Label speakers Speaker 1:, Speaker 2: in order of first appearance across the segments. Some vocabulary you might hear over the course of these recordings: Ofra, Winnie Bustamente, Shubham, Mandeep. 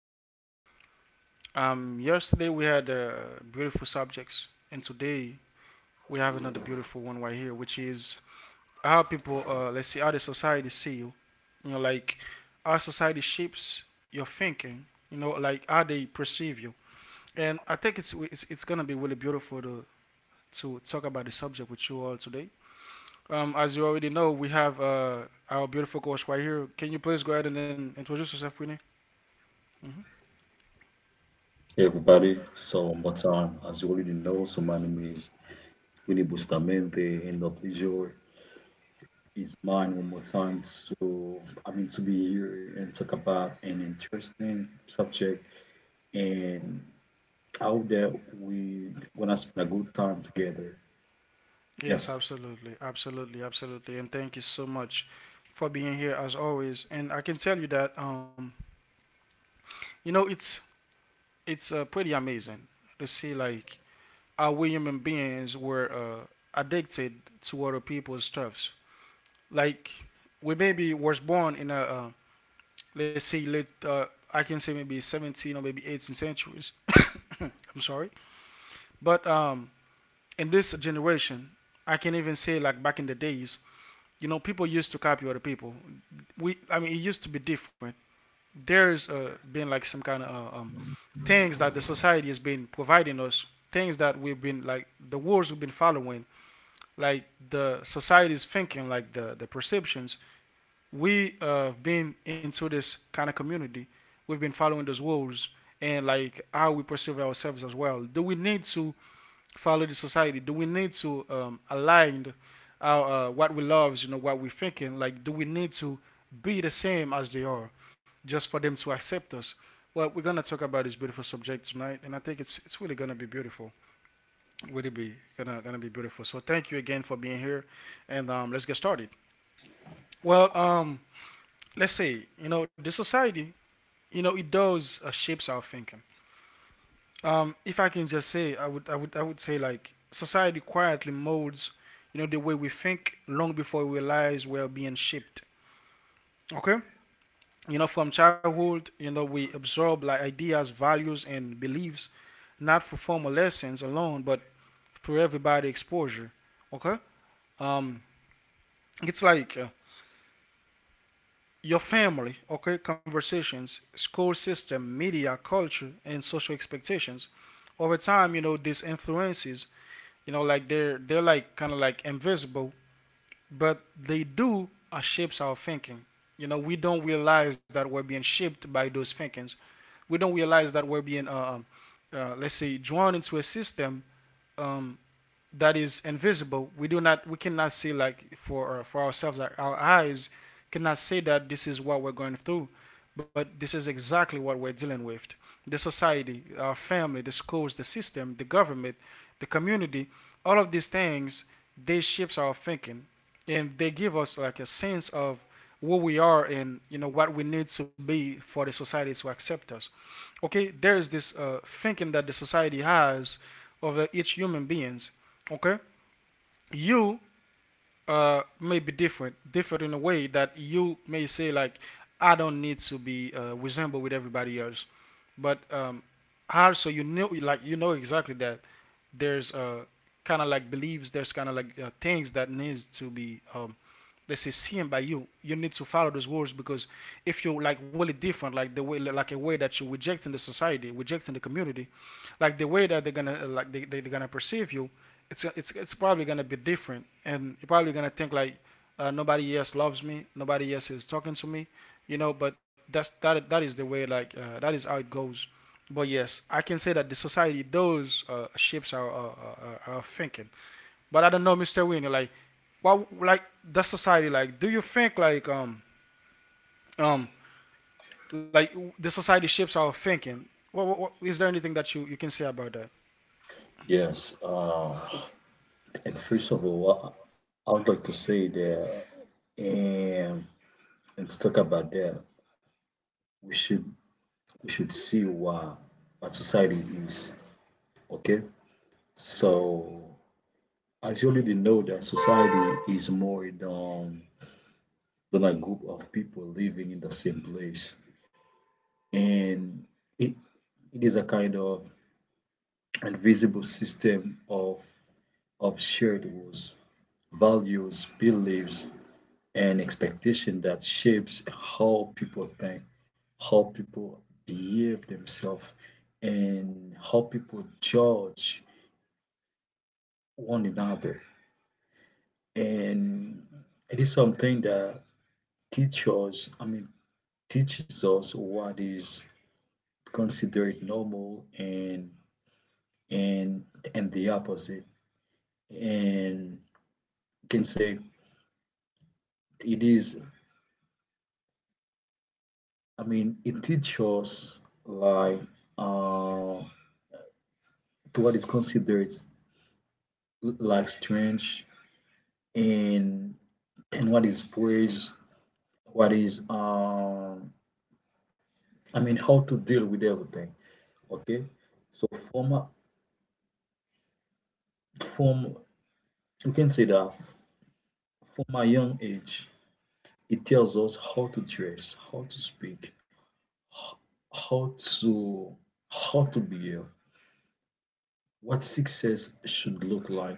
Speaker 1: Yesterday we had beautiful subjects, and today we have another beautiful one right here, which is how people, let's see, how the society see you. You know, like how society shapes your thinking. You know, like how they perceive you. And I think it's gonna be really beautiful to talk about the subject with you all today. As you already know, we have our beautiful coach right here. Can you please go ahead and then introduce yourself, Winnie? hmm
Speaker 2: Hey everybody, so one more time, as you already know, so my name is Winnie Bustamante, and the pleasure is mine one more time to, to be here and talk about an interesting subject, and I hope that we gonna spend a good time together.
Speaker 1: Yes,
Speaker 2: Yes,
Speaker 1: absolutely, absolutely, absolutely, and thank you so much for being here as always. And I can tell you that you know, it's pretty amazing to see like how we human beings were addicted to other people's stuffs. Like we maybe was born in a let's say late I can say maybe 17 or maybe 18 centuries. I'm sorry, but in this generation, I can even say like back in the days, you know, people used to copy other people. I mean, it used to be different. There's been like some kind of uh, um, things that the society has been providing us, things that we've been like the wars we've been following, like the society's thinking, like the perceptions. We have been into this kind of community. We've been following those rules and like how we perceive ourselves as well. Do we need to follow the society? Do we need to align our what we love, you know, what we're thinking? Like, do we need to be the same as they are, just for them to accept us? Well, we're gonna talk about this beautiful subject tonight, and I think it's really gonna be beautiful. Really be gonna gonna be beautiful. So thank you again for being here, and let's get started. Well, let's say you know the society, you know, it does shapes our thinking. If I can just say, I would say like society quietly molds, you know, the way we think long before we realize we're being shaped. Okay, you know, from childhood, you know, we absorb like ideas, values, and beliefs, not for formal lessons alone, but through everybody exposure. Okay, um, it's like your family, okay, conversations, school system, media, culture, and social expectations. Over time, you know, these influences. You know, like they're like kind of like invisible, but they do shapes our thinking. You know, we don't realize that we're being shaped by those thinkings. We don't realize that we're being, let's say, drawn into a system um, that is invisible. We do not, we cannot see like for ourselves. Like our eyes cannot see that this is what we're going through, but this is exactly what we're dealing with. The society, our family, the schools, the system, the government, the community, all of these things they shapes our thinking, and they give us like a sense of who we are and you know what we need to be for the society to accept us. Okay, there's this thinking that the society has of each human beings. Okay, you may be different, different in a way that you may say like, I don't need to be resemble with everybody else, but also you know, like you know exactly that there's kind of like beliefs, there's kind of like things that needs to be let's say seen by you. You need to follow those rules because if you're like really different, like the way like a way that you're rejecting the society, rejecting the community, like the way that they're gonna like they're gonna perceive you, it's probably gonna be different, and you're probably gonna think like nobody else loves me, nobody else is talking to me, you know. But that that is the way like that is how it goes. But yes, I can say that the society those shapes our our thinking. But I don't know, Mr. Winnie, like what like the society like? Do you think um like the society shapes our thinking? What is there anything that you can say about that?
Speaker 2: yes. And first of all, I would like to say that, and to talk about that, we should we should see what society is. Okay, so, as you already know, that society is more than a group of people living in the same place. And it, it is a kind of invisible system of shared rules, values, beliefs, and expectation that shapes how people think, how people behave themselves, and how people judge one another. And it is something that teachers, I mean, teaches us what is considered normal and and the opposite. And you can say it is, I mean, it teaches us like uh, to what is considered like strange and what is praise, what is how to deal with everything. Okay, so from a- from you can say that from a young age, it tells us how to dress, how to speak, how to how to behave, what success should look like,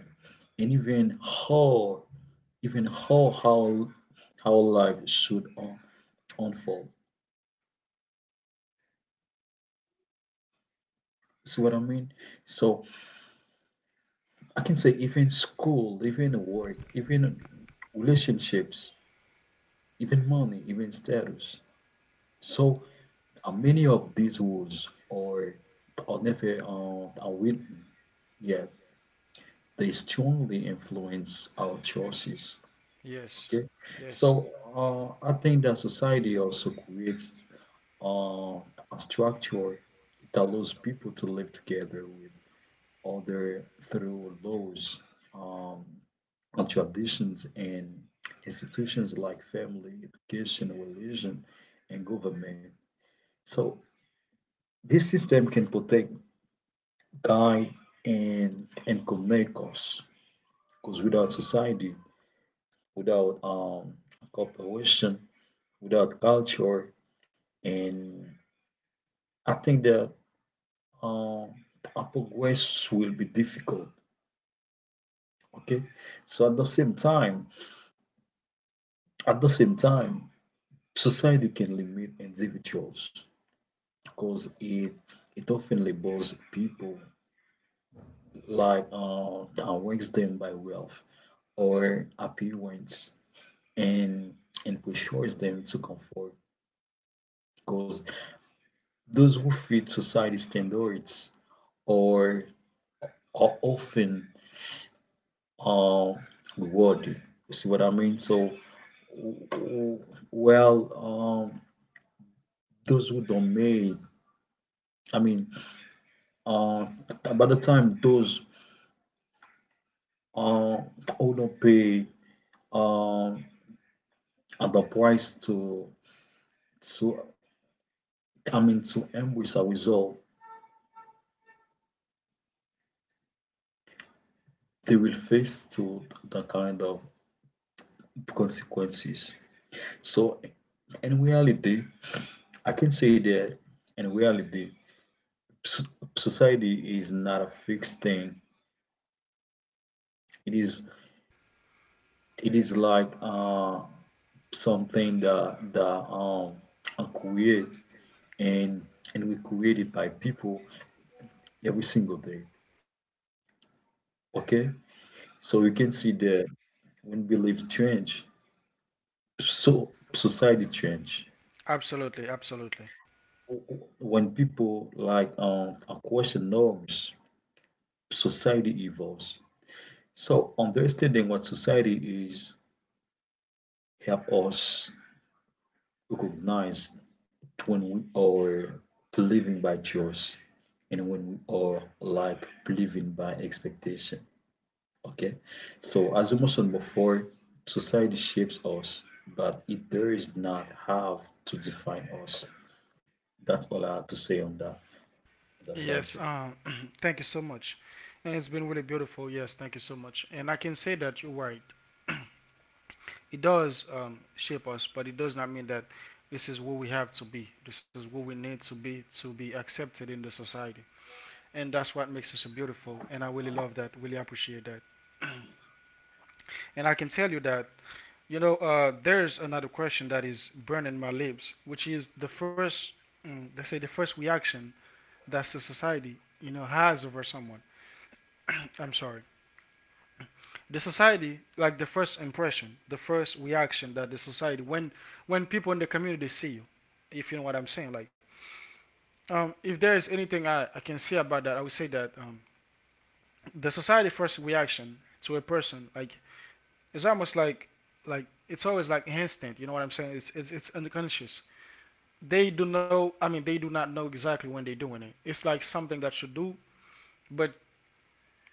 Speaker 2: and even even how how how life unfold. See what I mean? So I can say even school, even work, even relationships, even money, even status. So many of these rules are never and unwritten, yet they strongly influence our choices.
Speaker 1: Yes,
Speaker 2: Okay, so
Speaker 1: yes,
Speaker 2: I think that society also creates uh, a structure that allows people to live together with other through laws, um, and traditions, and institutions like family, education, religion, and government. So this system can protect, guide, and connect us. Because without society, without cooperation, without culture, and I think that um our progress will be difficult. Okay, so at the same time, society can limit individuals because it often labels people like that ranks them by wealth or appearance and and pressures them to conform because those who fit society standards are, are often uh, rewarded. You see what I mean? So, w- w- well, um, those who don't make, I mean, uh, by the time those uh, who don't pay um, at the price to to come in to embrace a result, they will face to the kind of consequences. So, in reality, I can say that in reality, s- society is not a fixed thing. It is it is like something that are create and and we created by people every single day. Okay, so we can see that when beliefs change, so society change.
Speaker 1: absolutely, absolutely.
Speaker 2: When people like are question norms, society evolves. So understanding what society is help us recognize when we are believing by choice and when we are like believing by expectation. Okay. So as we mentioned before, society shapes us, but it does not have to define us. That's all I have to say on that
Speaker 1: Yes,
Speaker 2: subject.
Speaker 1: thank you so much. And it's been really beautiful. Yes, thank you so much. And I can say that you're right. It does shape us, but it does not mean that this is what we have to be. This is what we need to be accepted in the society. And that's what makes us so beautiful. And I really love that, really appreciate that. And I can tell you that, you know, there's another question that is burning my lips, which is the first, they say, the first reaction that the society, you know, has over someone. I'm sorry, the society like the first impression, the first reaction that the society when people in the community see you, if you know what I'm saying, like if there is anything I can say about that, I would say that the society first reaction to a person, like it's almost like it's always like instant, you know what I'm saying, it's unconscious. They do know, I mean, they do not know exactly when they're doing it. It's like something that you do, but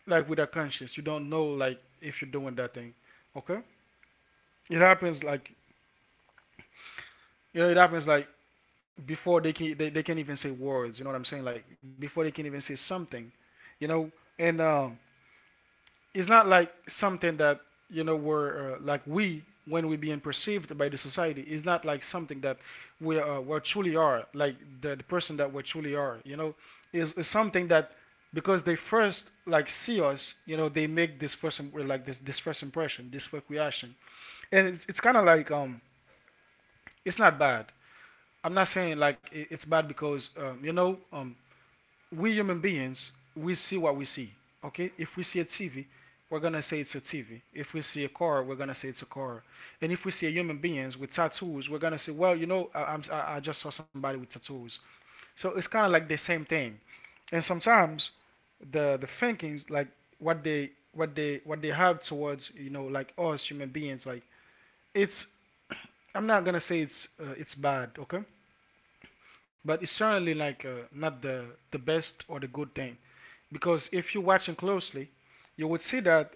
Speaker 1: like without conscious, you don't know like if you're doing that thing. Okay, it happens like, you know it happens like before they can they can even say words, you know what I'm saying, like before they can even say something, you know. And it's not like something that, you know, we're like we when we're being perceived by the society is not like something that we truly are, like the person that we truly are, you know, is something that because they first like see us, you know they make this first, like this first impression, this first reaction. And it's kind of like it's not bad. I'm not saying like it's bad because you know, we human beings, we see what we see. Okay? If we see a TV, we're gonna say it's a TV. If we see a car, we're gonna say it's a car. And if we see a human beings with tattoos, we're gonna say, well, you know, I just saw somebody with tattoos. So it's kind of like the same thing. And sometimes the thinkings like what they what they have towards, you know, like us human beings like, it's I'm not gonna say it's bad, okay? But it's certainly like not the best or the good thing because if you're watching closely, you would see that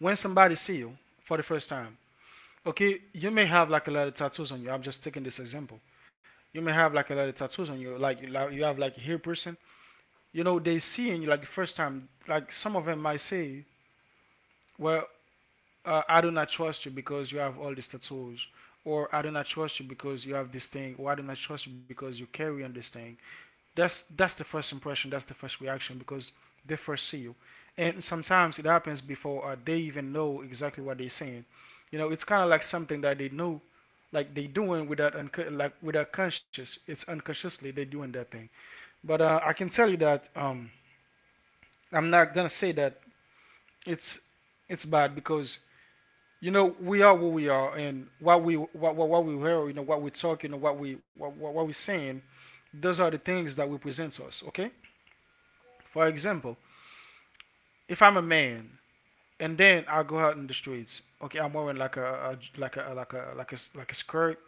Speaker 1: when somebody see you for the first time, okay, you may have like a lot of tattoos on you. I'm just taking this example. You may have like a lot of tattoos on you, like you have like a hair person. You know, they seeing you like the first time. Like some of them might say, "Well, I do not trust you because you have all these tattoos," or "I do not trust you because you have this thing," or "I do not trust you because you carry on this thing." That's the first impression, that's the first reaction because they first see you. And sometimes it happens before they even know exactly what they're saying, you know. It's kind of like something that they know, like they doing without like without conscious, it's unconsciously they doing that thing. But I can tell you that I'm not gonna say that it's it's bad because, you know, we are who we are and what we what we hear, you know what we talk, you know what we we saying, those are the things that we present us. Okay, for example, if I'm a man and then I go out in the streets, okay, I'm wearing like a like a like a like a like a skirt,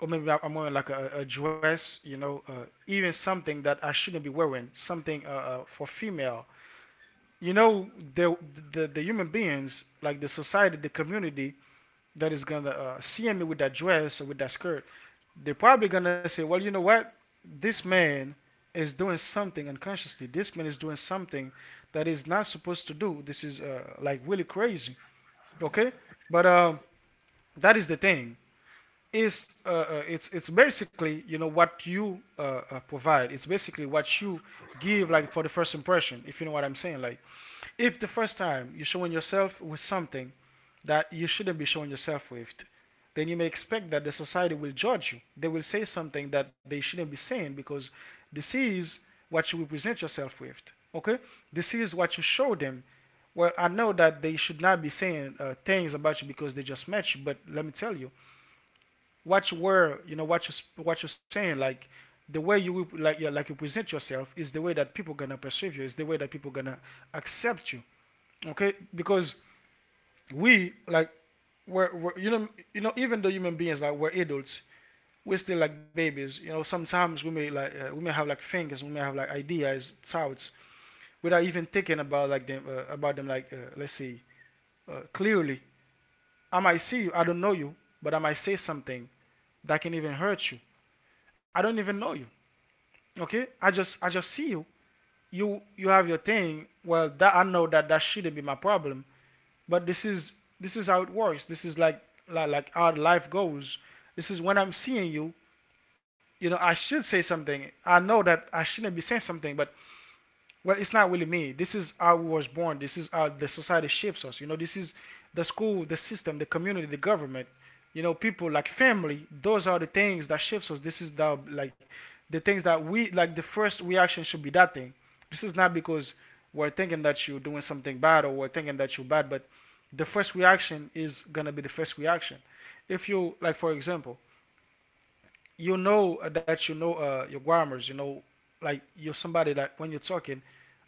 Speaker 1: or maybe I'm wearing like a dress, you know, even something that I shouldn't be wearing, something for female. You know, the, the human beings, like the society, the community that is gonna see me with that dress or with that skirt, they're probably gonna say, well, you know what? This man is doing something unconsciously. This man is doing something that is not supposed to do. This is like really crazy. Okay, but that is the thing. Is it's basically what you provide. It's basically what you give, like, for the first impression. If you know what I'm saying, like, if the first time you're showing yourself with something that you shouldn't be showing yourself with, then you may expect that the society will judge you. They will say something that they shouldn't be saying because this is what you represent yourself with. Okay? This is what you show them. Well, I know that they should not be saying things about you because they just met you, but let me tell you, what you were, what you're saying, like the way you, like, yeah, like, you present yourself is the way that people gonna perceive you. Is the way that people gonna accept you, okay, because we like we're even though human beings, like, we're adults, we're still like babies, sometimes we may have, like, things, we may have, like, ideas, thoughts, without even thinking about like them about them, like, let's see, clearly. I might see you, I don't know you, but I might say something that can even hurt you. I don't even know you. Okay, I just see you. You have your thing. Well, that I know that that shouldn't be my problem, but this is how it works. This is like, like how life goes. This is when I'm seeing you, you know, I should say something. I know that I shouldn't be saying something, but well, it's not really me. This is how we was born. This is how the society shapes us, you know. This is the school, the system, the community, the government, you know, people like family. Those are the things that shapes us. This is, the like, the things that we, like, the first reaction should be that thing. This is not because we're thinking that you're doing something bad, or we're thinking that you're bad, but the first reaction is gonna be the first reaction. If you, like, for example, that your grammars. You know, like you're somebody that when you're talking,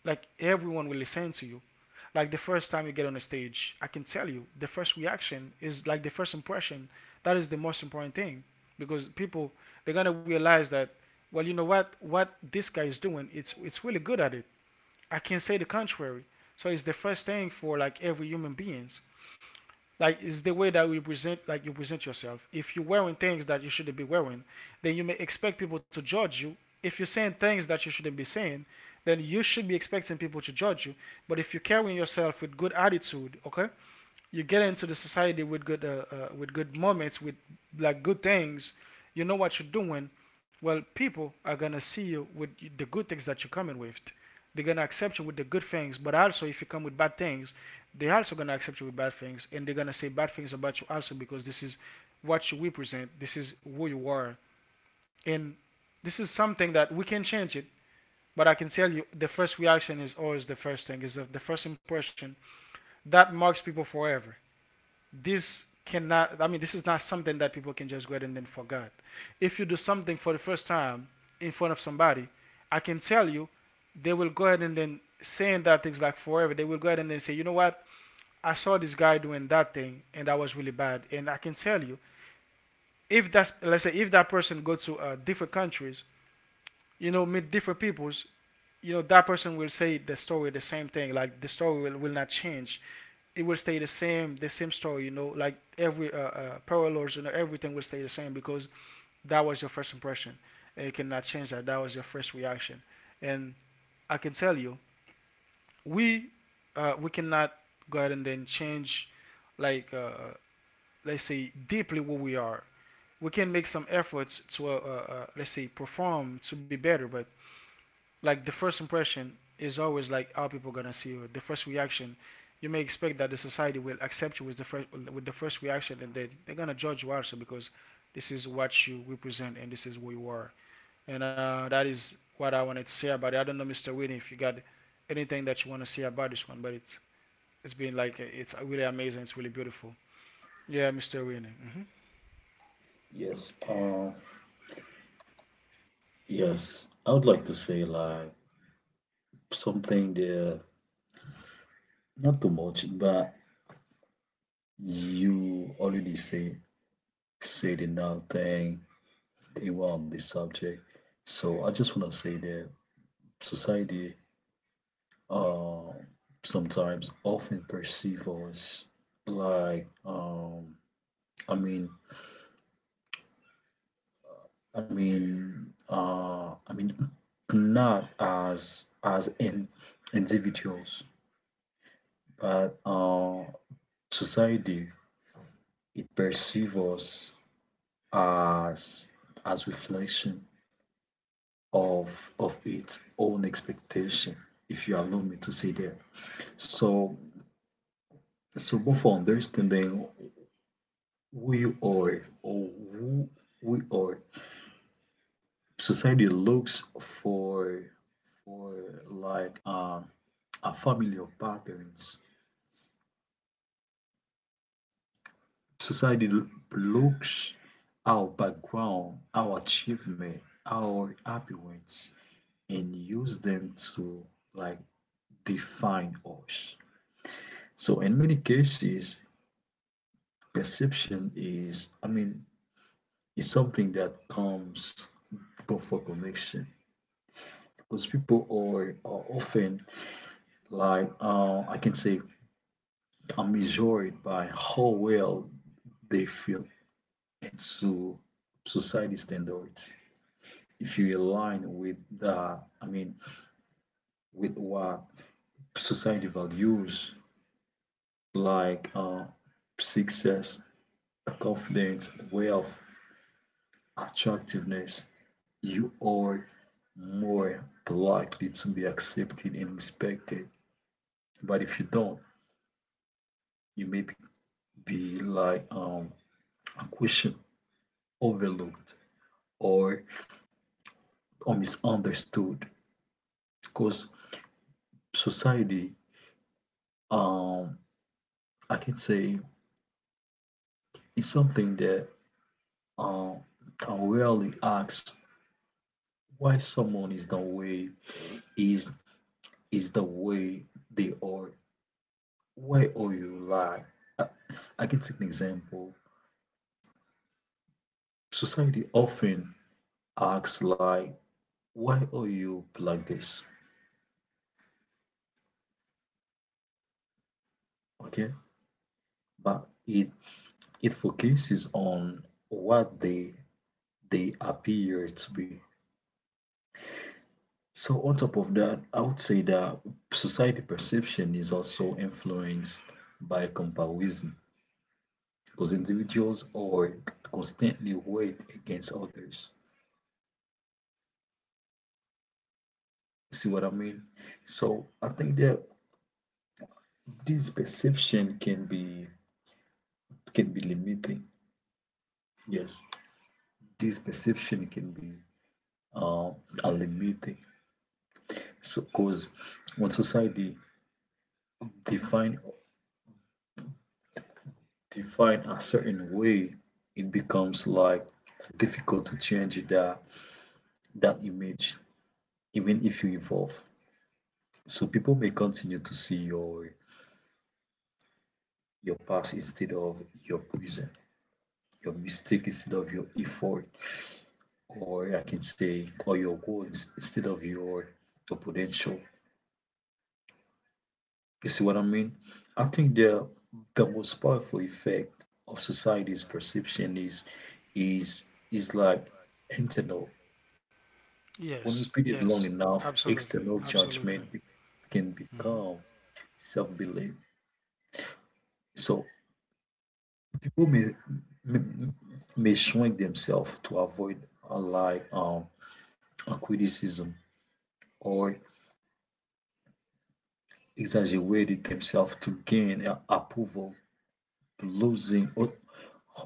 Speaker 1: like, everyone will listen to you. Like the first time you get on a stage, I can tell you the first reaction is like the first impression. That is the most important thing because people, they're gonna realize that, well, you know what, this guy is doing, it's really good at it. I can not say the contrary. So it's the first thing for like every human beings. Like, it's the way that you present yourself. If you're wearing things that you shouldn't be wearing, then you may expect people to judge you. If you're saying things that you shouldn't be saying, then you should be expecting people to judge you. But if you're carrying yourself with good attitude, okay, you get into the society with good moments, with, like, good things. You know what you're doing. Well, people are gonna see you with the good things that you're coming with. They're gonna accept you with the good things, but also if you come with bad things, they're also gonna accept you with bad things, and they're gonna say bad things about you also because this is what you represent, this is who you are. And this is something that we can change it. But I can tell you the first reaction is always the first thing, is the first impression that marks people forever. This cannot, I mean, this is not something that people can just go ahead and then forget. If you do something for the first time in front of somebody, I can tell you they will go ahead and then saying that things like forever. They will go ahead and then say, you know what, I saw this guy doing that thing and that was really bad. And I can tell you, if that's, let's say, if that person go to different countries, you know, meet different peoples, you know, that person will say the story, the same thing. Like the story will not change. It will stay the same, the same story, you know, like every parallels, you know, everything will stay the same because that was your first impression, and you cannot change that. That was your first reaction. And I can tell you we we cannot go ahead and then change, like, let's say, deeply what we are. We can make some efforts to let's say perform to be better, but like the first impression is always like how people gonna see you. The first reaction, you may expect that the society will accept you with the first reaction, and then they're gonna judge you also because this is what you represent and this is who you are. And that is what I wanted to say about it. I don't know, Mr. Whitney, if you got anything that you want to say about this one, but it's been like it's really amazing. It's really beautiful. Yeah, Mr. Whitney. Hmm.
Speaker 2: Yes. Uh, yes. I would like to say like something there, not too much, but you already say said enough thing around this subject. So I just want to say that society uh, sometimes often perceive us like I mean I mean uh, I mean not as in individuals, but society it perceives us as as reflection of its own expectation, if you allow me to say that. So but for understanding who you are or who we are, society looks for like a family of patterns. Society looks our background, our achievement, our appearance, and use them to like define us. So in many cases, perception is, is something that comes before connection because people are often like, are measured by how well they feel into society standards. If you align with the, with what society values, like success, confidence, wealth, attractiveness, you are more likely to be accepted and respected. But if you don't, you may be like a question overlooked or, or misunderstood because society, um, I can say, is something that um, can rarely ask why someone is is the way they are. Why are you like? I, I can take an example. Society often asks like why are you like this? Okay, but it focuses on what they appear to be. So on top of that, I would say that society perception is also influenced by comparison because individuals are constantly weighed against others. See what I mean? So I think that this perception can be limiting. Yes, this perception can be uh, a limiting. So, because when society define define a certain way, it becomes like difficult to change that image, even if you evolve. So people may continue to see your past instead of your present, your mistake instead of your effort, or I can say, or your goals instead of your potential. You see what I mean? I think the most powerful effect of society's perception is is is like internal. When
Speaker 1: Yes,
Speaker 2: repeated
Speaker 1: yes,
Speaker 2: long enough,
Speaker 1: absolutely,
Speaker 2: external
Speaker 1: absolutely.
Speaker 2: judgment can
Speaker 1: Hmm.
Speaker 2: become self-belief. So people may, may shrink themselves to avoid a like um a criticism or exaggerated themselves to gain approval, losing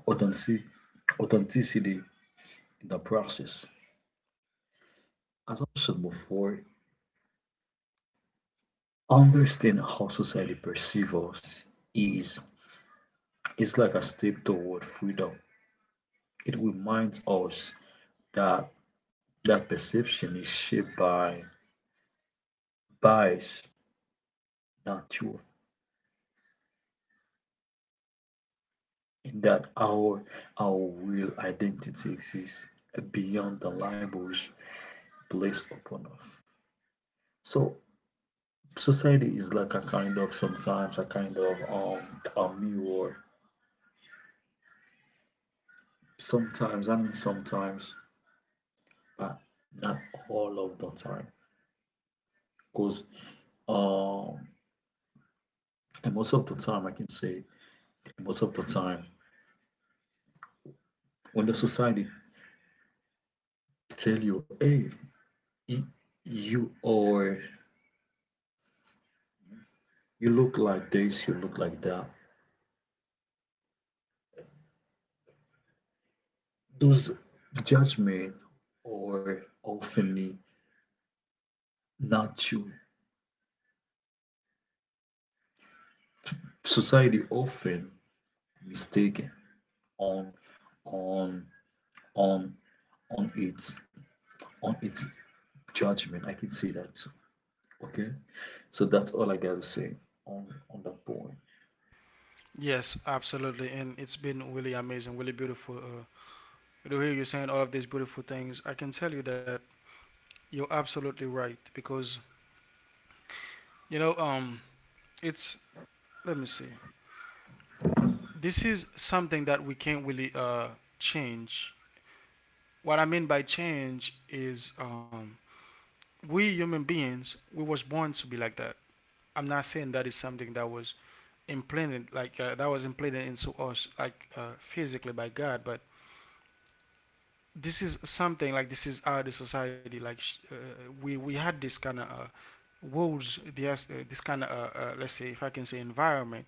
Speaker 2: authentic- authenticity in the process. As I said before, understanding how society perceives us is is like a step toward freedom. It reminds us that that perception is shaped by bias, not truth, and that our real identity exists beyond the labels placed upon us. So society is like a kind of sometimes a kind of a mirror. Sometimes, sometimes, but not all of the time, because uh, and most of the time I can say most of the time when the society tell you, hey you, or you look like this, you look like that, those judgment or often not true. Society often mistaken on on on on its on its judgment, I can say that. Okay, so that's all I gotta say on that point.
Speaker 1: Yes, absolutely, and it's been really amazing, really beautiful. To hear you saying all of these beautiful things, I can tell you that you're absolutely right because, you know, it's, let me see. This is something that we can't really change. What I mean by change is, we human beings, we was born to be like that. I'm not saying that is something that was implanted, like, that was implanted into us, like, physically by God. But this is something, like this is our society, like, we had this kind of, rules, this, this kind of, let's say, if I can say, environment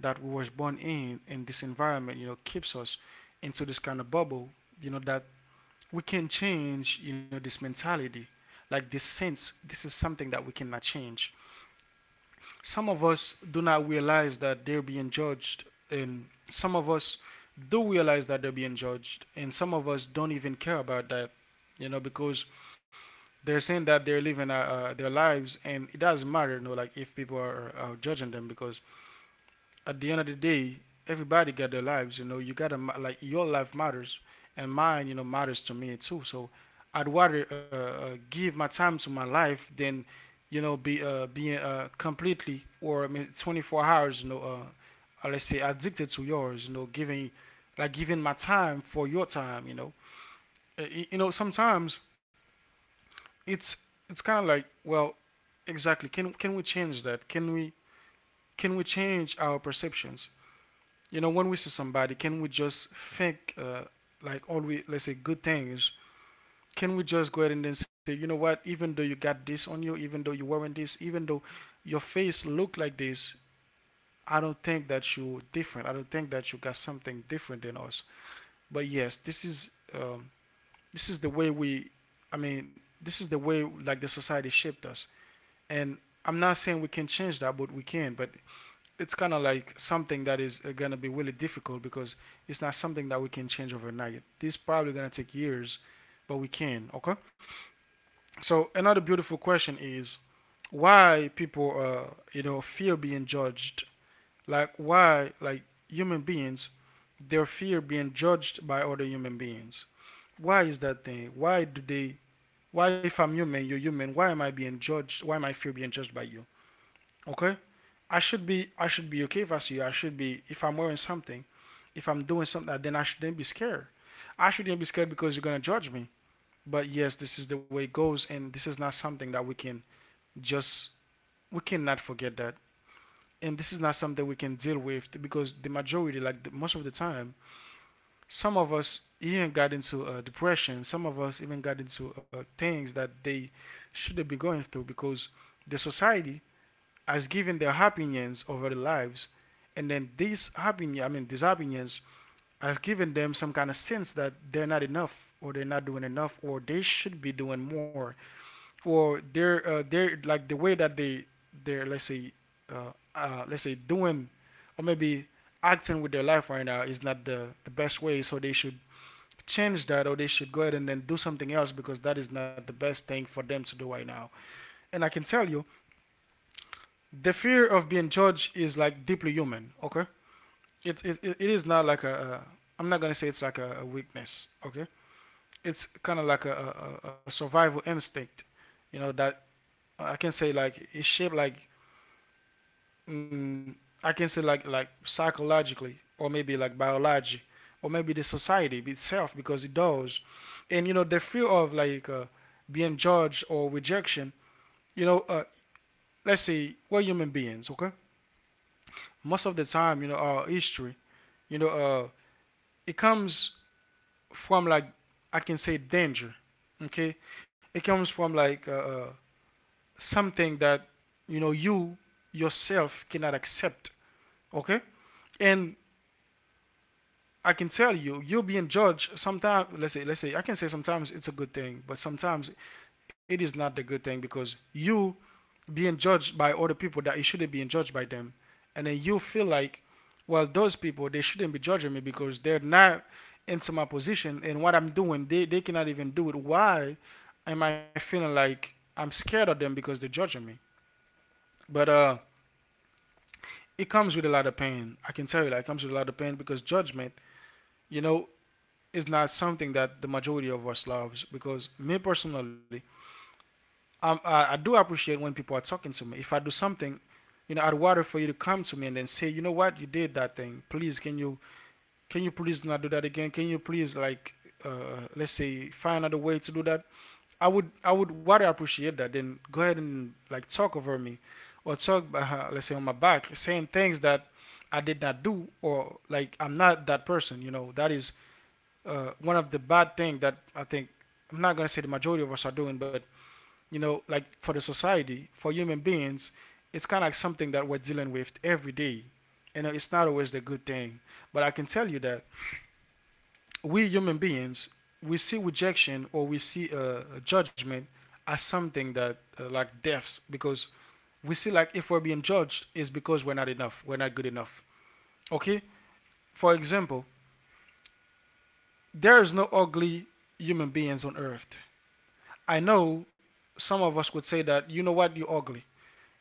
Speaker 1: that we was born in. And this environment, you know, keeps us into this kind of bubble, you know, that we can change, you know, this mentality, like this sense. This is something that we cannot change. Some of us do not realize that they're being judged, and some of us do realize that they're being judged, and some of us don't even care about that, you know, because they're saying that they're living their lives, and it doesn't matter, you know, like if people are judging them, because at the end of the day, everybody got their lives. You know, you gotta, like, your life matters, and mine, you know, matters to me too. So I'd rather give my time to my life than, you know, be being completely, or I mean 24 hours, you know, let's say addicted to yours, you know, giving like giving my time for your time, you know. Uh, you know, sometimes it's it's kind of like, well, exactly, can we change that? Can we change our perceptions? You know, when we see somebody, can we just think, like, all we, let's say, good things. Can we just go ahead and then say, you know what, even though you got this on you, even though you wearing this, even though your face look like this, I don't think that you are different. I don't think that you got something different than us. But yes, this is, this is the way we, I mean, this is the way like the society shaped us. And I'm not saying we can change that, but we can. But it's kind of like something that is, gonna be really difficult because it's not something that we can change overnight. This is probably gonna take years, but we can. Okay. So another beautiful question is, why people fear being judged. Like, why, like, human beings, they fear being judged by other human beings. Why is that thing? Why do they? Why, if I'm human, you're human. Why am I being judged? Why am I fear being judged by you? Okay, I should be okay if I see you. I should be, if I'm wearing something, if I'm doing something, then I shouldn't be scared. I shouldn't be scared because you're gonna judge me. But yes, this is the way it goes, and this is not something that we can just, we cannot forget that. And this is not something we can deal with because the majority, like, most of the time, some of us even got into depression. Some of us even got into things that they shouldn't be going through because the society has given their opinions over their lives, and then these opinions has given them some kind of sense that they're not enough, or they're not doing enough, or they should be doing more, or they're like the way that they they're let's say doing, or maybe acting with their life right now is not the best way, so they should change that or they should go ahead and then do something else because that is not the best thing for them to do right now. And I can tell you the fear of being judged is like deeply human. Okay, it is not like a, I'm not gonna say it's like a weakness. Okay, it's kind of like a survival instinct. You know that, I can say like it's shaped like, mm, I can say like psychologically or maybe like biology, or maybe the society itself, because it does. And you know the fear of like, being judged or rejection, you know uh, let's say we're human beings. Okay, most of the time, you know, our history, you know uh, it comes from like, I can say, danger. Okay, it comes from like, something that, you know, you yourself cannot accept. Okay. And I can tell you you're being judged sometimes. Let's say I can say sometimes it's a good thing, but sometimes it is not the good thing, because you being judged by other people that you shouldn't be judged by them, and then you feel like, well, those people they shouldn't be judging me because they're not into my position, and what I'm doing, they cannot even do it. Why am I feeling like I'm scared of them because they're judging me? But it comes with a lot of pain. I can tell you that it comes with a lot of pain, because judgment, you know, is not something that the majority of us loves. Because me personally, I do appreciate when people are talking to me. If I do something, you know, I'd rather for you to come to me and then say, you know what, you did that thing, please, can you, can you please not do that again, can you please like, let's say, find another way to do that. I would rather appreciate that than go ahead and like talk over me, or talk, let's say, on my back, saying things that I did not do, or like I'm not that person. You know, that is one of the bad things that I think. I'm not going to say the majority of us are doing, but you know, like for the society, for human beings, it's kind of like something that we're dealing with every day. You know, it's not always the good thing. But I can tell you that we human beings, we see rejection, or we see a judgment as something that, like deaths, because we see like if we're being judged it's because we're not enough, we're not good enough. Okay? For example, there is no ugly human beings on earth. I know some of us would say that, you know what, you're ugly,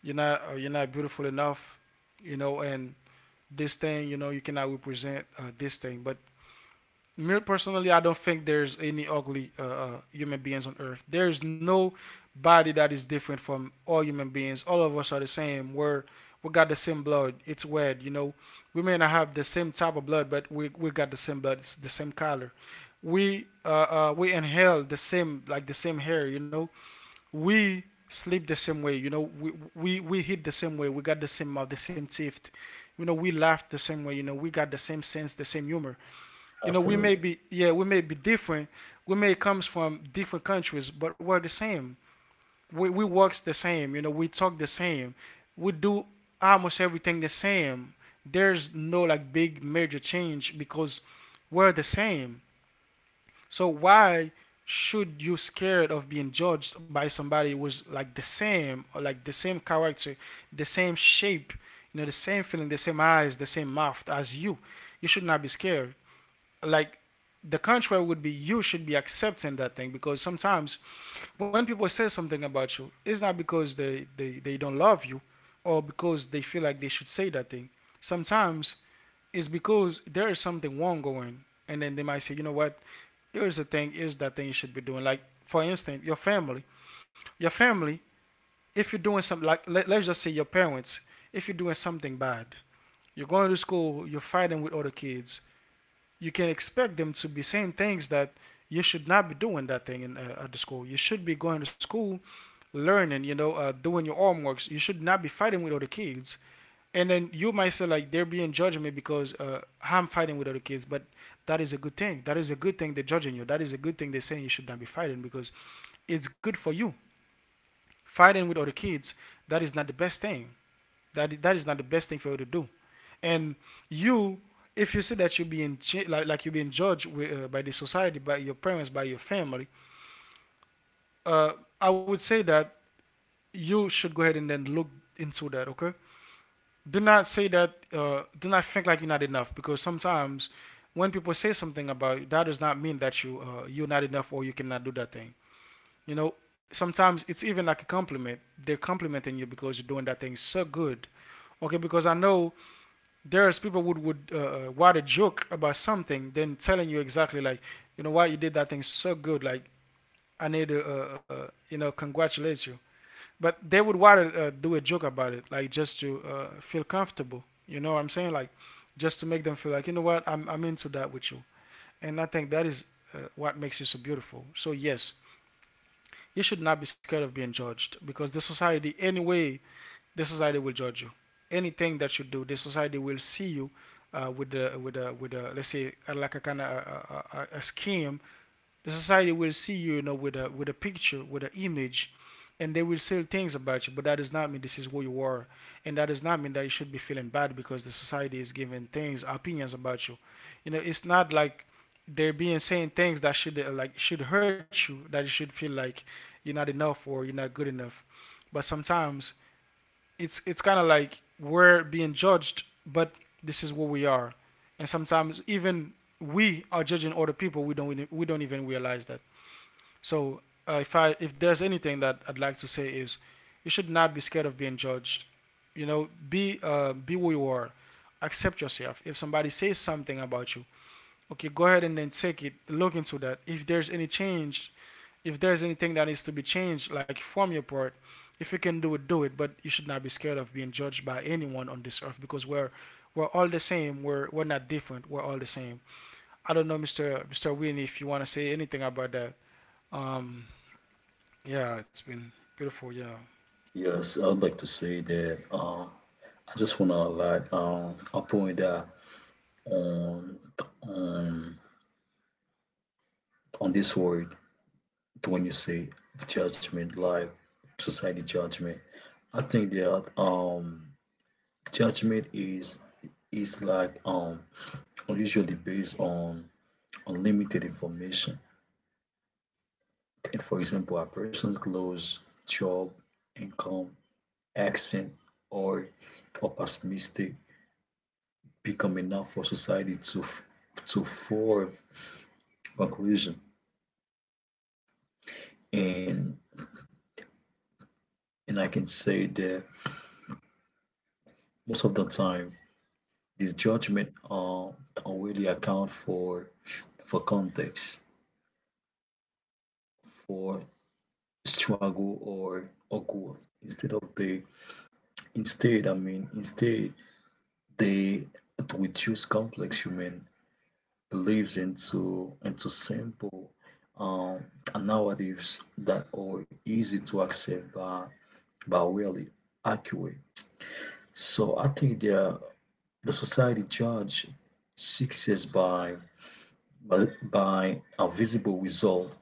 Speaker 1: you're not beautiful enough, you know, and this thing, you know, you cannot represent this thing. But me personally, I don't think there's any ugly human beings on earth. There's no body that is different from all human beings. All of us are the same. We got the same blood. It's weird, you know. We may not have the same type of blood, but we got the same blood. It's the same color. We inhale the same, like the same hair, you know, we sleep the same way, you know, we hit the same way, we got the same mouth, the same teeth, you know, we laugh the same way, you know, we got the same sense, the same humor, you know,
Speaker 2: Absolutely.
Speaker 1: we may be different, we may comes from different countries, but we're the same. We works the same, you know, we talk the same, we do almost everything the same. There's no like big major change, because we're the same. So why should you scared of being judged by somebody who's like the same, or like the same character, the same shape, you know, the same feeling, the same eyes, the same mouth as you? You should not be scared. Like the contrary would be you should be accepting that thing, because sometimes when people say something about you, it's not because they don't love you, or because they feel like they should say that thing. Sometimes it's because there is something wrong going, and then they might say, you know what, here's the thing, here's that thing you should be doing. Like for instance your family, your family, if you're doing something like, let's just say your parents, if you're doing something bad, you're going to school, you're fighting with other kids, you can expect them to be saying things that you should not be doing that thing in, at the school, you should be going to school learning, you know, doing your homeworks, you should not be fighting with other kids, and then you might say like they're being judging me because, I'm fighting with other kids, but that is a good thing. That is a good thing they're judging you. That is a good thing they're saying you should not be fighting, because it's good for you. Fighting with other kids, that is not the best thing. That is not the best thing for you to do. And you, if you see that you're being like you're being judged with, by the society, by your parents, by your family, uh, I would say that you should go ahead and then look into that. Okay, do not say that, do not think like you're not enough, because sometimes when people say something about you, that does not mean that you, you're not enough, or you cannot do that thing. You know, sometimes it's even like a compliment, they're complimenting you because you're doing that thing so good. Okay, because I know there's people who would write a joke about something, then telling you exactly like, you know, why you did that thing so good, like I need to you know, congratulate you, but they would want to do a joke about it, like just to feel comfortable. You know what I'm saying? Like just to make them feel like, you know what, I'm into that with you. And I think that is what makes you so beautiful. So yes, you should not be scared of being judged, because the society anyway, the society will judge you. Anything that you do, the society will see you with the let's say, like a kind of a scheme, the society will see you, you know, with a picture, with an image, and they will say things about you. But that does not mean this is who you are, and that does not mean that you should be feeling bad because the society is giving things, opinions about you. You know, it's not like they're being saying things that should, like should hurt you, that you should feel like you're not enough or you're not good enough. But sometimes it's kind of like we're being judged, but this is what we are, and sometimes even we are judging other people. We don't even realize that. So if I, if there's anything that I'd like to say is, you should not be scared of being judged. You know, be who you are. Accept yourself. If somebody says something about you, okay, go ahead and then take it. Look into that. If there's any change, if there's anything that needs to be changed, like from your part, if you can do it, do it. But you should not be scared of being judged by anyone on this earth, because we're all the same. We're not different. We're all the same. I don't know, Mister Winnie, if you want to say anything about that. Um, yeah, it's been beautiful. Yeah.
Speaker 2: Yes, I would like to say that I just wanna like a point that on on on this word when you say judgment, like society judgment. I think that judgment is is like um usually based on unlimited information. And for example, a person's clothes, job, income, accent or or pessimistic become enough for society to form conclusion, and and I can say that most of the time this judgment don't really account for context, for struggle or growth. Instead of the instead I mean instead, they to reduce complex human believes into simple um, narratives that are easy to accept but really accurate. So I think the society judge success by by a visible result,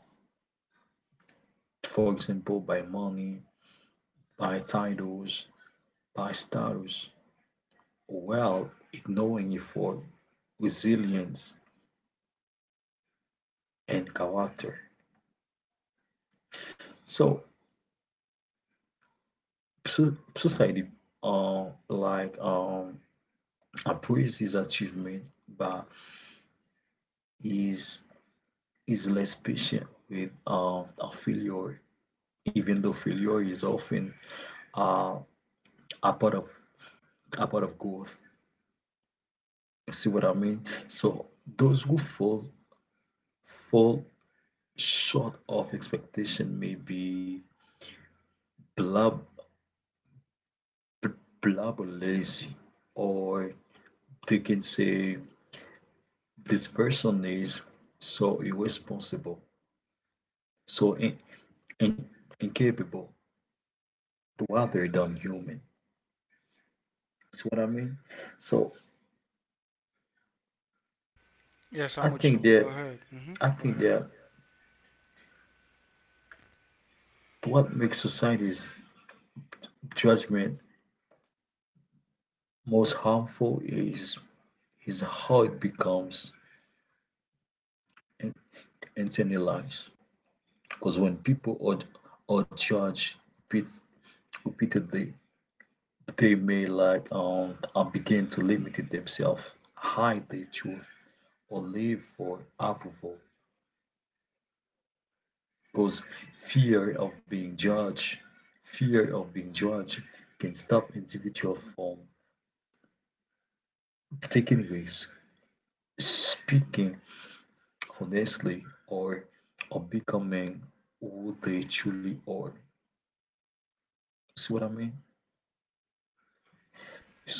Speaker 2: for example, by money, by titles, by status, while ignoring effort, resilience, and character. So society, uh, like um, appraise his achievement, but is is less patient with a failure, even though failure is often uh, a part of a part of growth. You see what I mean? So those who fall short of expectation may be blab blab or lazy, or they can say this person is so irresponsible, so in, incapable, rather than human. See what I mean? So
Speaker 1: Yes,
Speaker 2: I
Speaker 1: I'm with
Speaker 2: think
Speaker 1: you. Go
Speaker 2: that
Speaker 1: ahead. Hmm.
Speaker 2: I
Speaker 1: Go
Speaker 2: think
Speaker 1: ahead.
Speaker 2: that what makes society's judgment most harmful is how it becomes in- internalized. Because when people are judged repeat, repeatedly, they may like begin to limit themselves, hide their truth, or live for approval. Because fear of being judged, fear of being judged can stop individual from, anyways, speaking honestly or becoming who they truly are. See what I mean?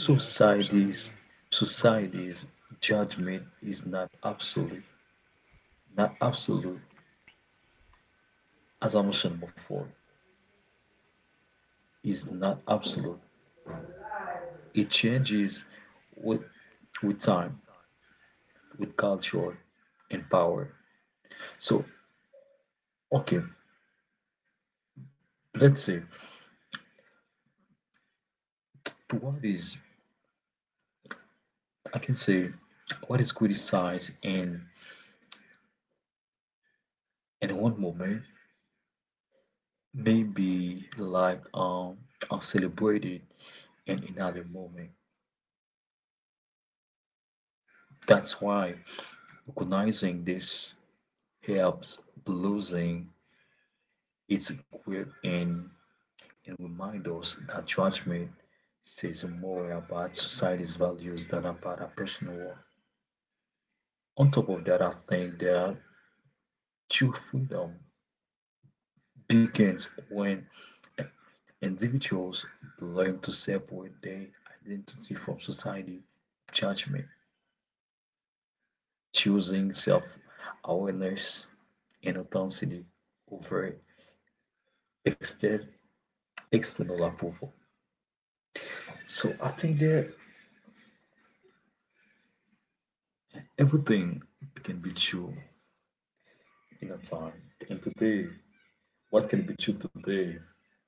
Speaker 1: Yes, absolutely. Hmm.
Speaker 2: Society's judgment is not absolute. Not absolute, as I mentioned before, is not absolute. It changes with with time, with culture and power. So okay, let's say what is, I can say what is criticized and one moment may be like are celebrated in another moment. That's why recognizing this helps losing its grip and remind us that judgment says more about society's values than about our personal worth. On top of that, I think that true freedom begins when individuals learn to separate their identity from society judgment, choosing self-awareness and authenticity over exter- external approval. So I think that everything can be true in a time. And today, what can be true today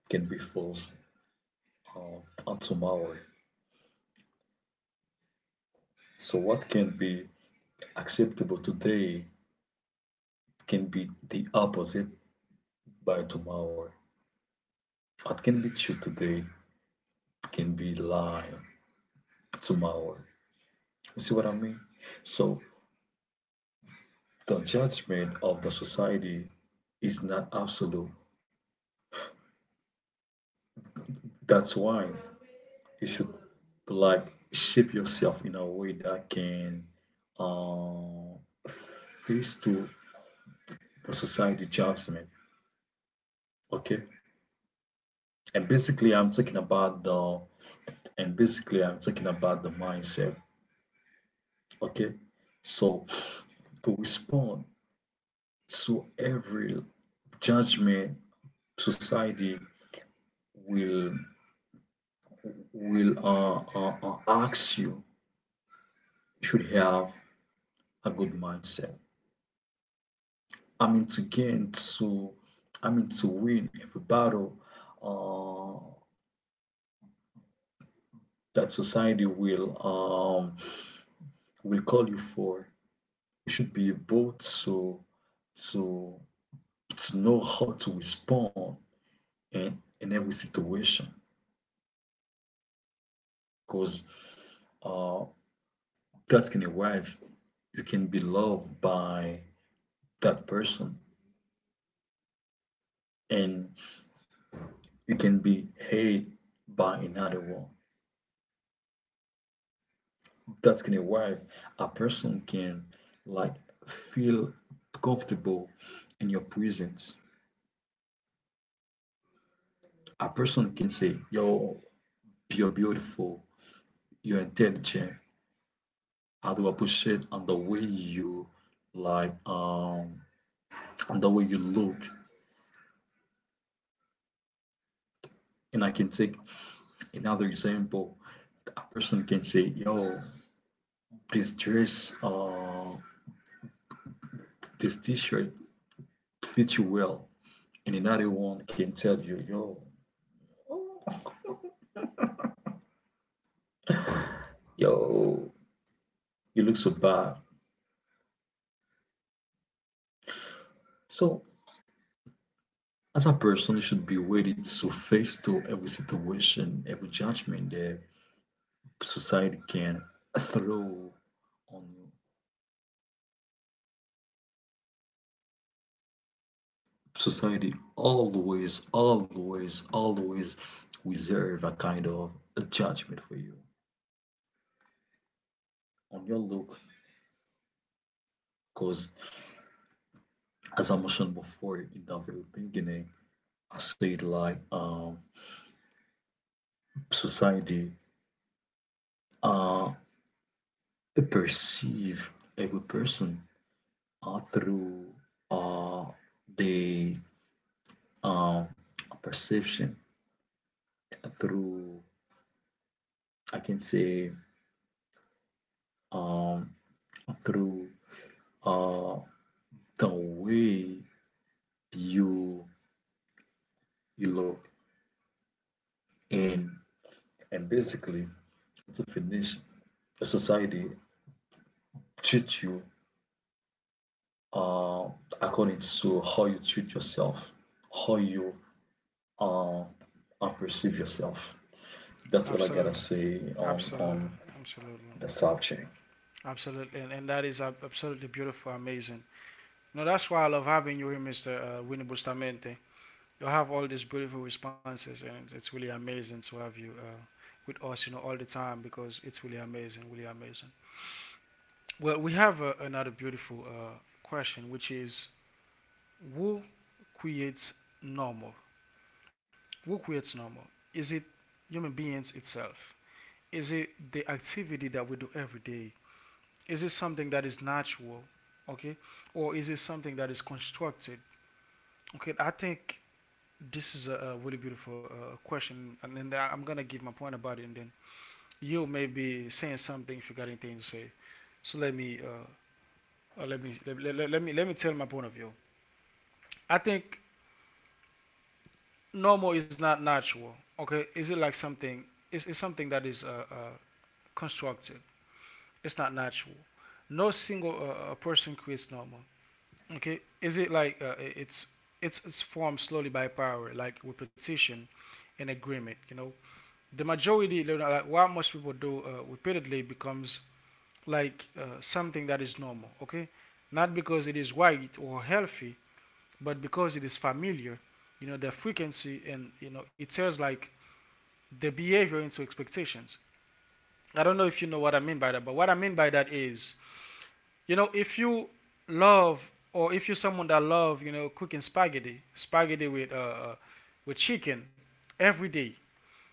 Speaker 2: can be false uh, on tomorrow. So what can be acceptable today can be the opposite by tomorrow. What can be true today can be lie tomorrow. You see what I mean? So the judgment of the society is not absolute. That's why you should, like, shape yourself in a way that can uh, face to the society judgment. Okay, and basically I'm talking about the mindset. Okay, so to respond to every judgment society will will ask you. You should have a good mindset. I mean, to to, I mean, to win every battle uh, that society will, um, will call you for. You should be able to to know how to respond in every situation, because uh, that can arrive. You can be loved by that person, and you can be hated by another one. That's gonna arrive. A person can, like, feel comfortable in your presence. A person can say, yo, you're beautiful, you're intelligent, I do appreciate on the way you, like, on the way you look. And I can take another example. A person can say, yo, this dress, this t-shirt fits you well. And another one can tell you, yo, yo, you look so bad. So as a person, you should be ready to face to every situation, every judgment that society can throw on you. Society always, always, always reserve a kind of a judgment for you on your look. Because as I mentioned before in the very beginning, I said, like, society uh, perceive every person, through, uh, the um, perception, through, I can say, um, through, uh, the way you you look. And and basically, to finish, the society treats you, uh, according to how you treat yourself, how you uh, perceive yourself. That's all I gotta
Speaker 1: Absolutely.
Speaker 2: say
Speaker 1: Absolutely.
Speaker 2: on
Speaker 1: Absolutely.
Speaker 2: the subject.
Speaker 1: Absolutely. And, that is absolutely beautiful, amazing. No, that's why I love having you here, Mr. Winnie Bustamente. You have all these beautiful responses, and it's really amazing to have you with us, you know, all the time, because it's really amazing, really amazing. Well, we have another beautiful question, which is who creates normal? What creates normal? Is it human beings itself? Is it the activity that we do every day? Is it something that is natural? Okay, or is it something that is constructed? Okay, I think this is a really beautiful question, and then am gonna give my point about it, and then you may be saying something if you got anything to say. So let me, let, let, let me tell my point of view. I think normal is not natural. Okay, is it like something? Is something that is constructed? It's not natural. No single person creates normal. Okay, is it like it's it's formed slowly by power, like repetition and agreement. You know, the majority, like what most people do repeatedly becomes like, something that is normal. Okay, not because it is right or healthy, but because it is familiar. You know, the frequency, and you know it turns like the behavior into expectations. I don't know if you know what I mean by that, but what I mean by that is, you know, if you love, or if you're someone that love, you know, cooking spaghetti uh with chicken every day,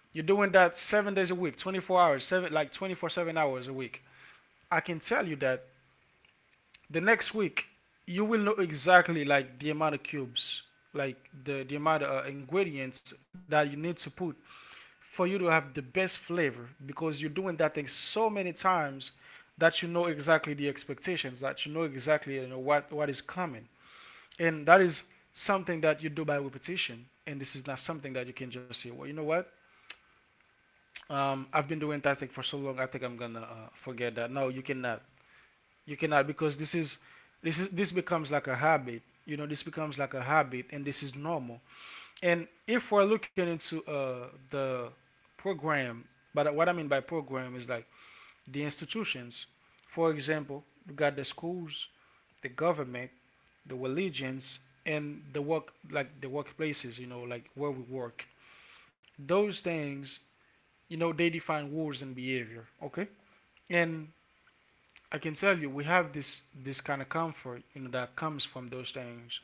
Speaker 1: you're doing that 7 days a week, 24 hours seven, like 24/7 hours a week. I can tell you that the next week you will know exactly, like, the amount of cubes, like the amount of ingredients that you need to put for you to have the best flavor, because you're doing that thing so many times that you know exactly the expectations, that you know exactly, you know what is coming. And that is something that you do by repetition. And this is not something that you can just say, well, you know what? I've been doing that thing for so long. I think I'm gonna forget that. No, you cannot. You cannot because this becomes like a habit. You know, this becomes like a habit, and this is normal. And if we're looking into the program, but what I mean by program is like the institutions. For example, we got the schools, the government, the religions, and the work, like the workplaces. You know, like where we work. Those things, you know, they define rules and behavior. Okay, and I can tell you, we have this kind of comfort, you know, that comes from those things.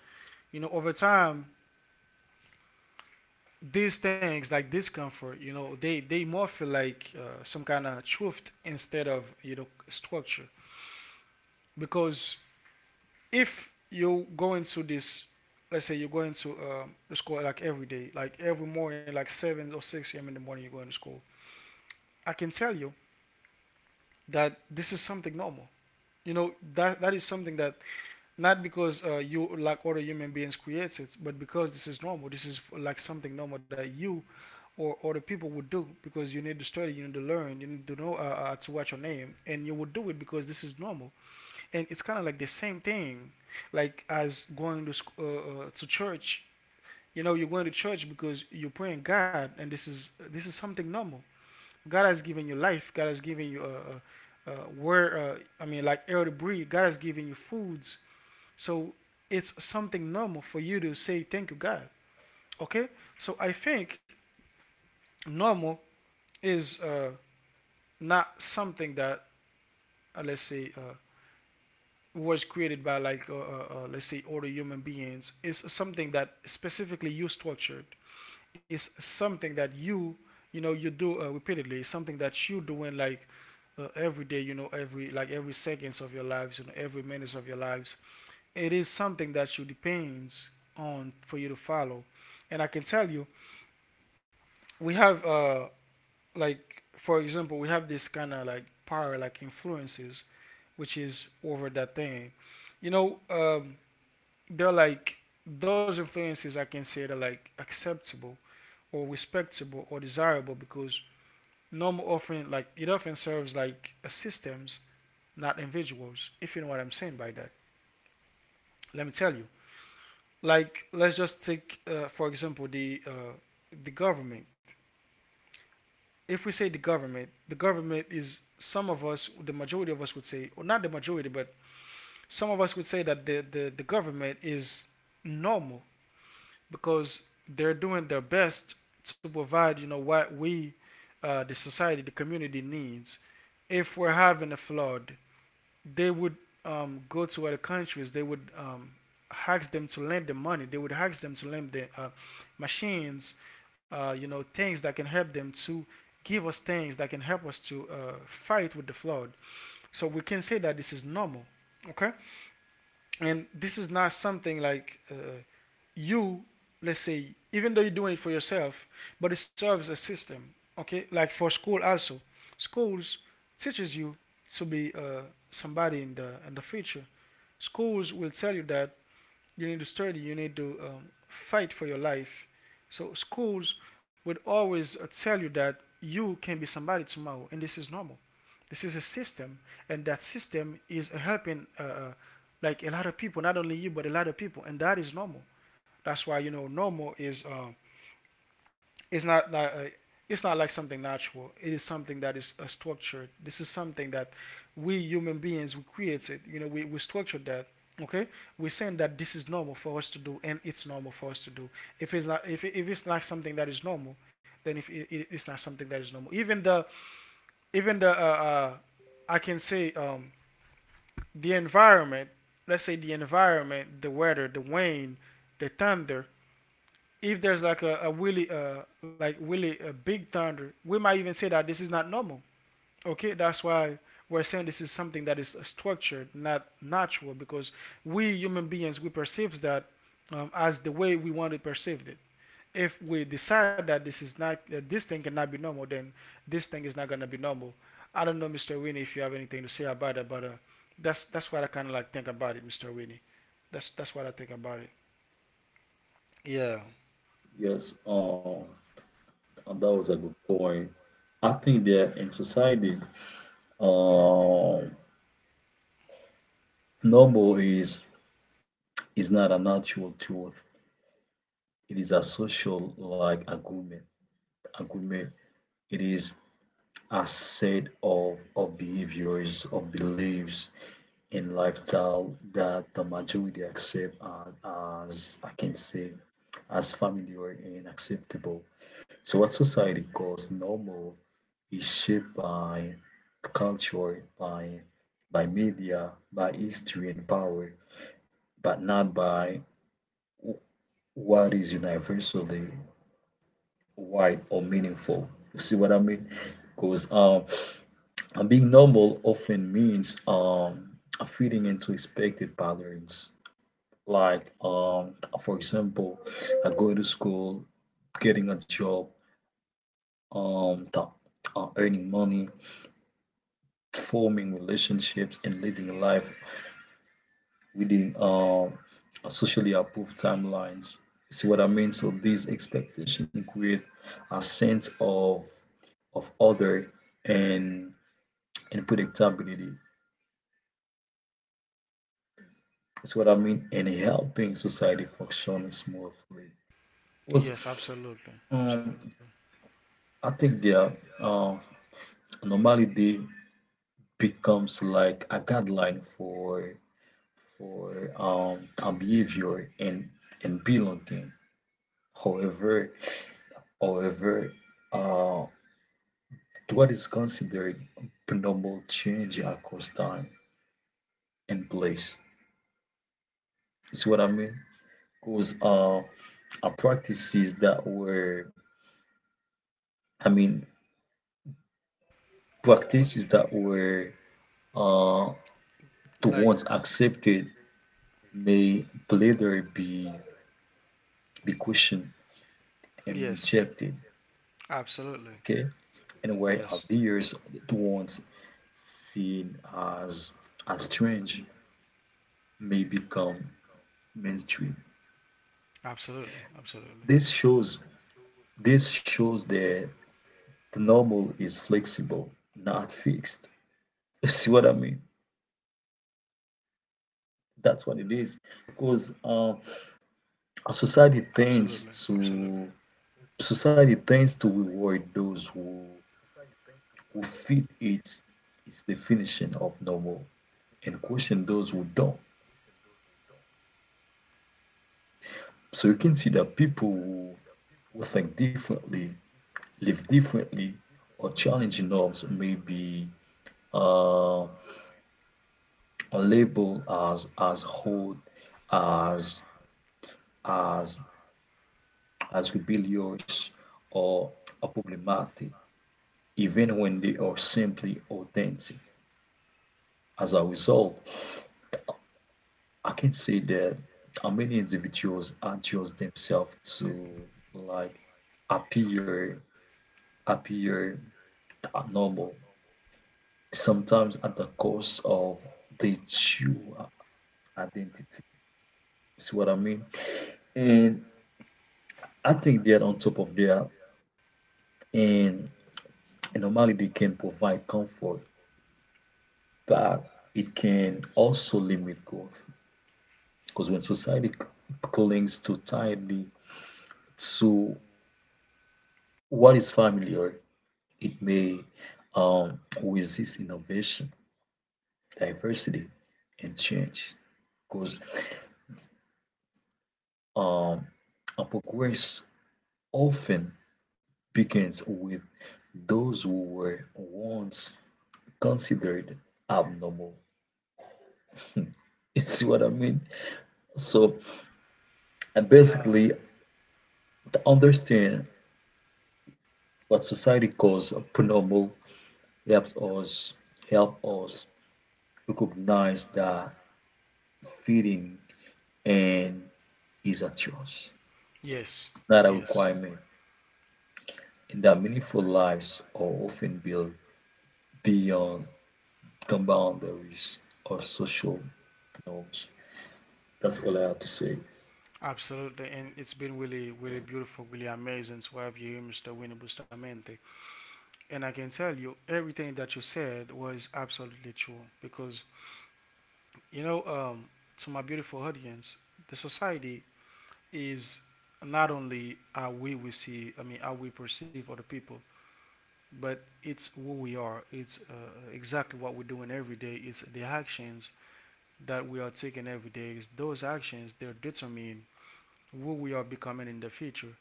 Speaker 1: You know, over time, these things like discomfort, you know, they more feel like some kind of truth instead of, you know, structure, because if you go into this, let's say you're going to the school, like every day, like every morning, like 7 or 6 a.m in the morning, you're going to school. I can tell you that this is something normal. You know that that is something that, not because you like other human beings creates it, but because this is normal. This is like something normal that you or the people would do, because you need to study, you need to learn, you need to know, to watch your name, and you would do it because this is normal. And it's kind of like the same thing, like as going to to church. You know, you're going to church because you're praying God, and this is something normal. God has given you life. God has given you where I mean, like air to breathe. God has given you foods, so it's something normal for you to say thank you, God. Okay, so I think normal is, not something that, let's say, was created by like let's say other human beings. It's something that specifically you structured. It's something that you know, you do repeatedly. It's something that you doing like every day, you know, every, like, every seconds of your lives, you know, every minutes of your lives. It is something that you depends on for you to follow, and I can tell you, we have like, for example, we have this kind of, like, power, like influences, which is over that thing. You know, they're like those influences. I can say they're like acceptable or respectable or desirable, because normal often, like, it often serves like a systems, not individuals. If you know what I'm saying by that, let me tell you. Like, let's just take, for example, the government. If we say the government is some of us, the majority of us would say, or not the majority, but some of us would say that the government is normal, because they're doing their best to provide, you know, what we, the society, the community needs. If we're having a flood, they would go to other countries, they would ask them to lend them money, they would ask them to lend them machines, you know, things that can help them to give us things that can help us to fight with the flood. So we can say that this is normal. Okay, and this is not something like, you, let's say, even though you're doing it for yourself, but it serves a system. Okay, like for school also, schools teaches you to be somebody in the future. Schools will tell you that you need to study, you need to fight for your life. So schools would always tell you that you can be somebody tomorrow, and this is normal. This is a system, and that system is helping like a lot of people, not only you, but a lot of people, and that is normal. That's why, you know, normal is, it's not, it's not like something natural. It is something that is structured. This is something that we human beings, we create it. You know, we structured that. Okay, we're saying that this is normal for us to do, and it's normal for us to do. If it's not something that is normal, then, if it, it's not something that is normal. Even the I can say, the environment, let's say the environment, the weather, the wind, the thunder, if there's like a really, like really a big thunder, we might even say that this is not normal. Okay, that's why we're saying this is something that is structured, not natural, because we human beings, we perceive that, as the way we want to perceive it. If we decide that this is not, that this thing cannot be normal, then this thing is not gonna be normal. I don't know, Mr. Winnie, if you have anything to say about it, but that's what I kind of like think about it, Mr. Winnie. That's what I think about it. Yeah.
Speaker 2: Yes, that was a good point. I think that in society, Um, normal is not a natural truth. It is a social, like, agreement. Agreement. It is a set of behaviors, of beliefs, and lifestyle that the majority accept as I can say, as familiar and acceptable. So what society calls normal is shaped by culture, by media, by history and power, but not by what is universally wide or meaningful. You see what I mean? Because and being normal often means, fitting into expected patterns. Like, for example, I go to school, getting a job, um, th- earning money, forming relationships, and living life within, socially approved timelines. See what I mean? So these expectations create a sense of order and and predictability. That's what I mean, and helping society function smoothly. Because
Speaker 1: Yes, absolutely,
Speaker 2: um,
Speaker 1: absolutely.
Speaker 2: I think their normality becomes like a guideline for, our behavior and belonging. However, however, uh, to what is considered normal change across time and place. It's what I mean. Because practices that were, I mean, practices that were, uh, the
Speaker 1: Like.
Speaker 2: ones accepted may later be questioned and
Speaker 1: Yes,
Speaker 2: rejected.
Speaker 1: absolutely.
Speaker 2: Okay, and where
Speaker 1: Yes,
Speaker 2: ideas, the ones seen as strange, may become mainstream.
Speaker 1: absolutely, absolutely,
Speaker 2: This shows this shows that the normal is flexible, not fixed. You see what I mean? That's what it is. Because uh,
Speaker 1: absolutely, absolutely.
Speaker 2: A society tends to reward those who fit its definition of normal and question those who don't. So you can see that people who think differently, live differently, or challenge norms may be uh, labeled as old, as as as rebellious, or problematic, even when they are simply authentic. As a result, I can say that many individuals adjust themselves to, like, appear appear normal, sometimes at the cost of their true identity. See what I mean? And I think that on top of that, and, and normally they can provide comfort, but it can also limit growth. Because when society clings too tightly to what is familiar, it may, resist innovation, diversity, and change, because um, a progress often begins with those who were once considered abnormal. You see what I mean? So, and
Speaker 1: Yeah.
Speaker 2: basically, to understand what society calls abnormal helps us recognize that fitting and is a choice,
Speaker 1: Yes.
Speaker 2: not a
Speaker 1: Yes.
Speaker 2: requirement. Their meaningful lives are often built beyond the boundaries or social norms. That's all I have to say.
Speaker 1: Absolutely, and it's been really, really beautiful, really amazing to have you here, Mr. Winnie Bustamente. And I can tell you, everything that you said was absolutely true because, you know, to my beautiful audience, the society is not only how we see, I mean, how we perceive other people, but it's who we are. It's exactly what we're doing every day. It's the actions that we are taking every day. It's those actions that determine who we are becoming in the future.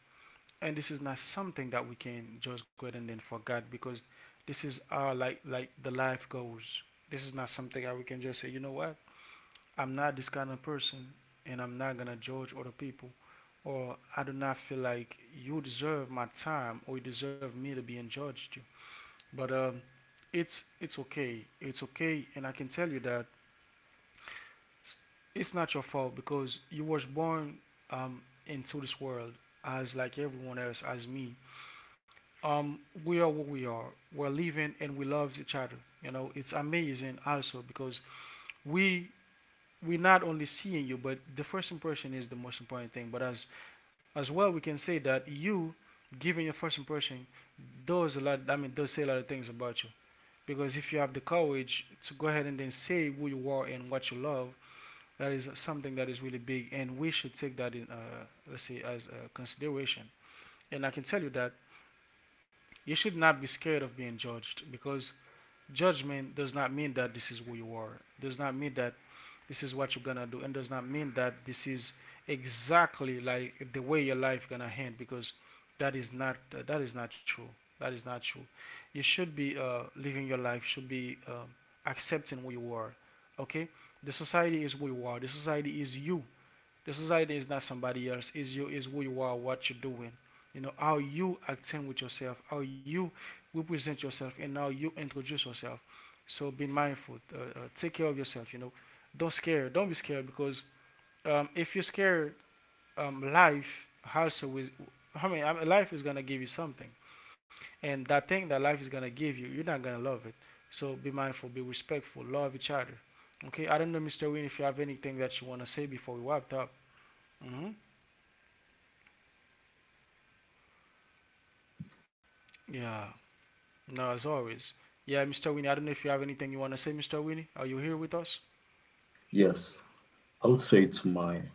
Speaker 1: And this is not something that we can just go ahead and then forget, because this is our, like the life goes. This is not something that we can just say, you know what, I'm not this kind of person, and I'm not gonna judge other people, or I do not feel like you deserve my time or you deserve me to be judged. But it's okay, it's okay, and I can tell you that it's not your fault, because you was born, um into this world, as like everyone else, as me. um, we are what we are. We're living and we love each other. You know, it's amazing also because we we're not only seeing you, but the first impression is the most important thing. But as well, we can say that you giving your first impression does a lot. I mean, does say a lot of things about you. Because if you have the courage to go ahead and then say who you are and what you love, that is something that is really big, and we should take that in, let's say, as a consideration. And I can tell you that you should not be scared of being judged, because judgment does not mean that this is who you are, does not mean that this is what you're gonna do, and does not mean that this is exactly like the way your life gonna end, because that is not, that is not true. That is not true. You should be living your life, should be accepting who you are. Okay, the society is who you are, the society is you. The society is not somebody else. Is you. Is who you are. What you're doing. You know how you acting with yourself, how you represent yourself, and how you introduce yourself. So be mindful. Take care of yourself. You know, don't scare. Don't be scared, because, if you're scared, life also is. I mean, life is gonna give you something, and that thing that life is gonna give you, you're not gonna love it. So be mindful. Be respectful. Love each other. Okay. I don't know, Mr. Win, if you have anything that you wanna say before we wrap up. Hmm. Yeah. No, as always. Yeah, Mr. Winnie, I don't know if you have anything you want to say, Mr. Winnie. Are you here with us?
Speaker 2: Yes, I would say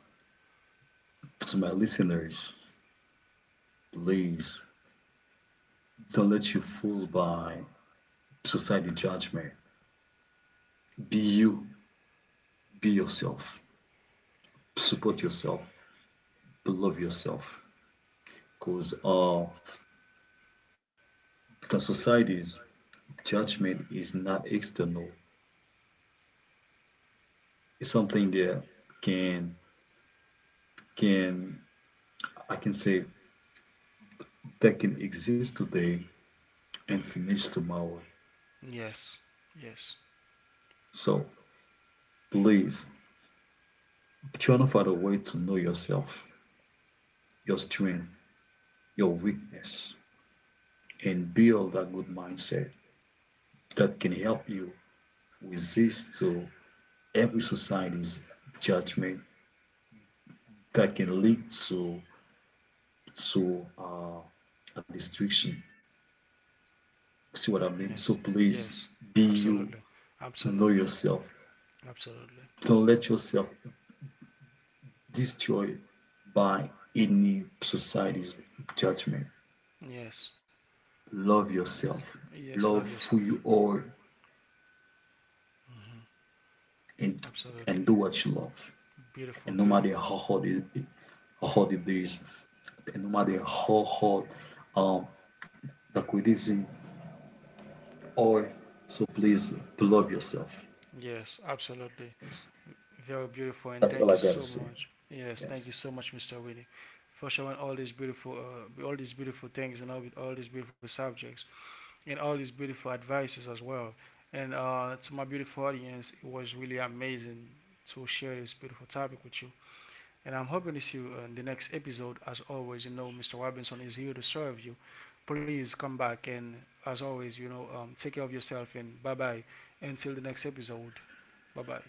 Speaker 2: to my listeners, please don't let you fool by society judgment. Be you, be yourself, support yourself, love yourself. Because the society's judgment is not external. It's something that can can I can say that can exist today and finish tomorrow.
Speaker 1: Yes. Yes.
Speaker 2: So please try to find a way to know yourself, your strength, your weakness, and build a good mindset that can help you resist to every society's judgment that can lead to a destruction. See what I mean?
Speaker 1: Yes.
Speaker 2: So please
Speaker 1: Yes.
Speaker 2: be you,
Speaker 1: Absolutely.
Speaker 2: know
Speaker 1: Absolutely.
Speaker 2: yourself.
Speaker 1: Absolutely.
Speaker 2: Don't let yourself destroyed by any society's judgment.
Speaker 1: Yes.
Speaker 2: Love
Speaker 1: Yes.
Speaker 2: yourself,
Speaker 1: Yes, love
Speaker 2: love who
Speaker 1: yourself.
Speaker 2: you are,
Speaker 1: Hmm.
Speaker 2: and and
Speaker 1: Absolutely.
Speaker 2: do what you love.
Speaker 1: Beautiful,
Speaker 2: And no matter
Speaker 1: beautiful.
Speaker 2: how hard it, it how hard it is, and no matter how hard um the criticism or so, please love yourself.
Speaker 1: Yes, absolutely.
Speaker 2: Yes,
Speaker 1: Very beautiful, and
Speaker 2: that's all
Speaker 1: thank
Speaker 2: I
Speaker 1: you
Speaker 2: gotta
Speaker 1: so
Speaker 2: say.
Speaker 1: much. Yes, thank you
Speaker 2: Yes.
Speaker 1: so much, Mr. Winnie, for showing all these beautiful things, and all these beautiful subjects. And all these beautiful advices as well. And to my beautiful audience, it was really amazing to share this beautiful topic with you. And I'm hoping to see you in the next episode. As always, you know, Mr. Robinson is here to serve you. Please come back and, as always, you know, take care of yourself, and bye bye. Until the next episode, bye bye.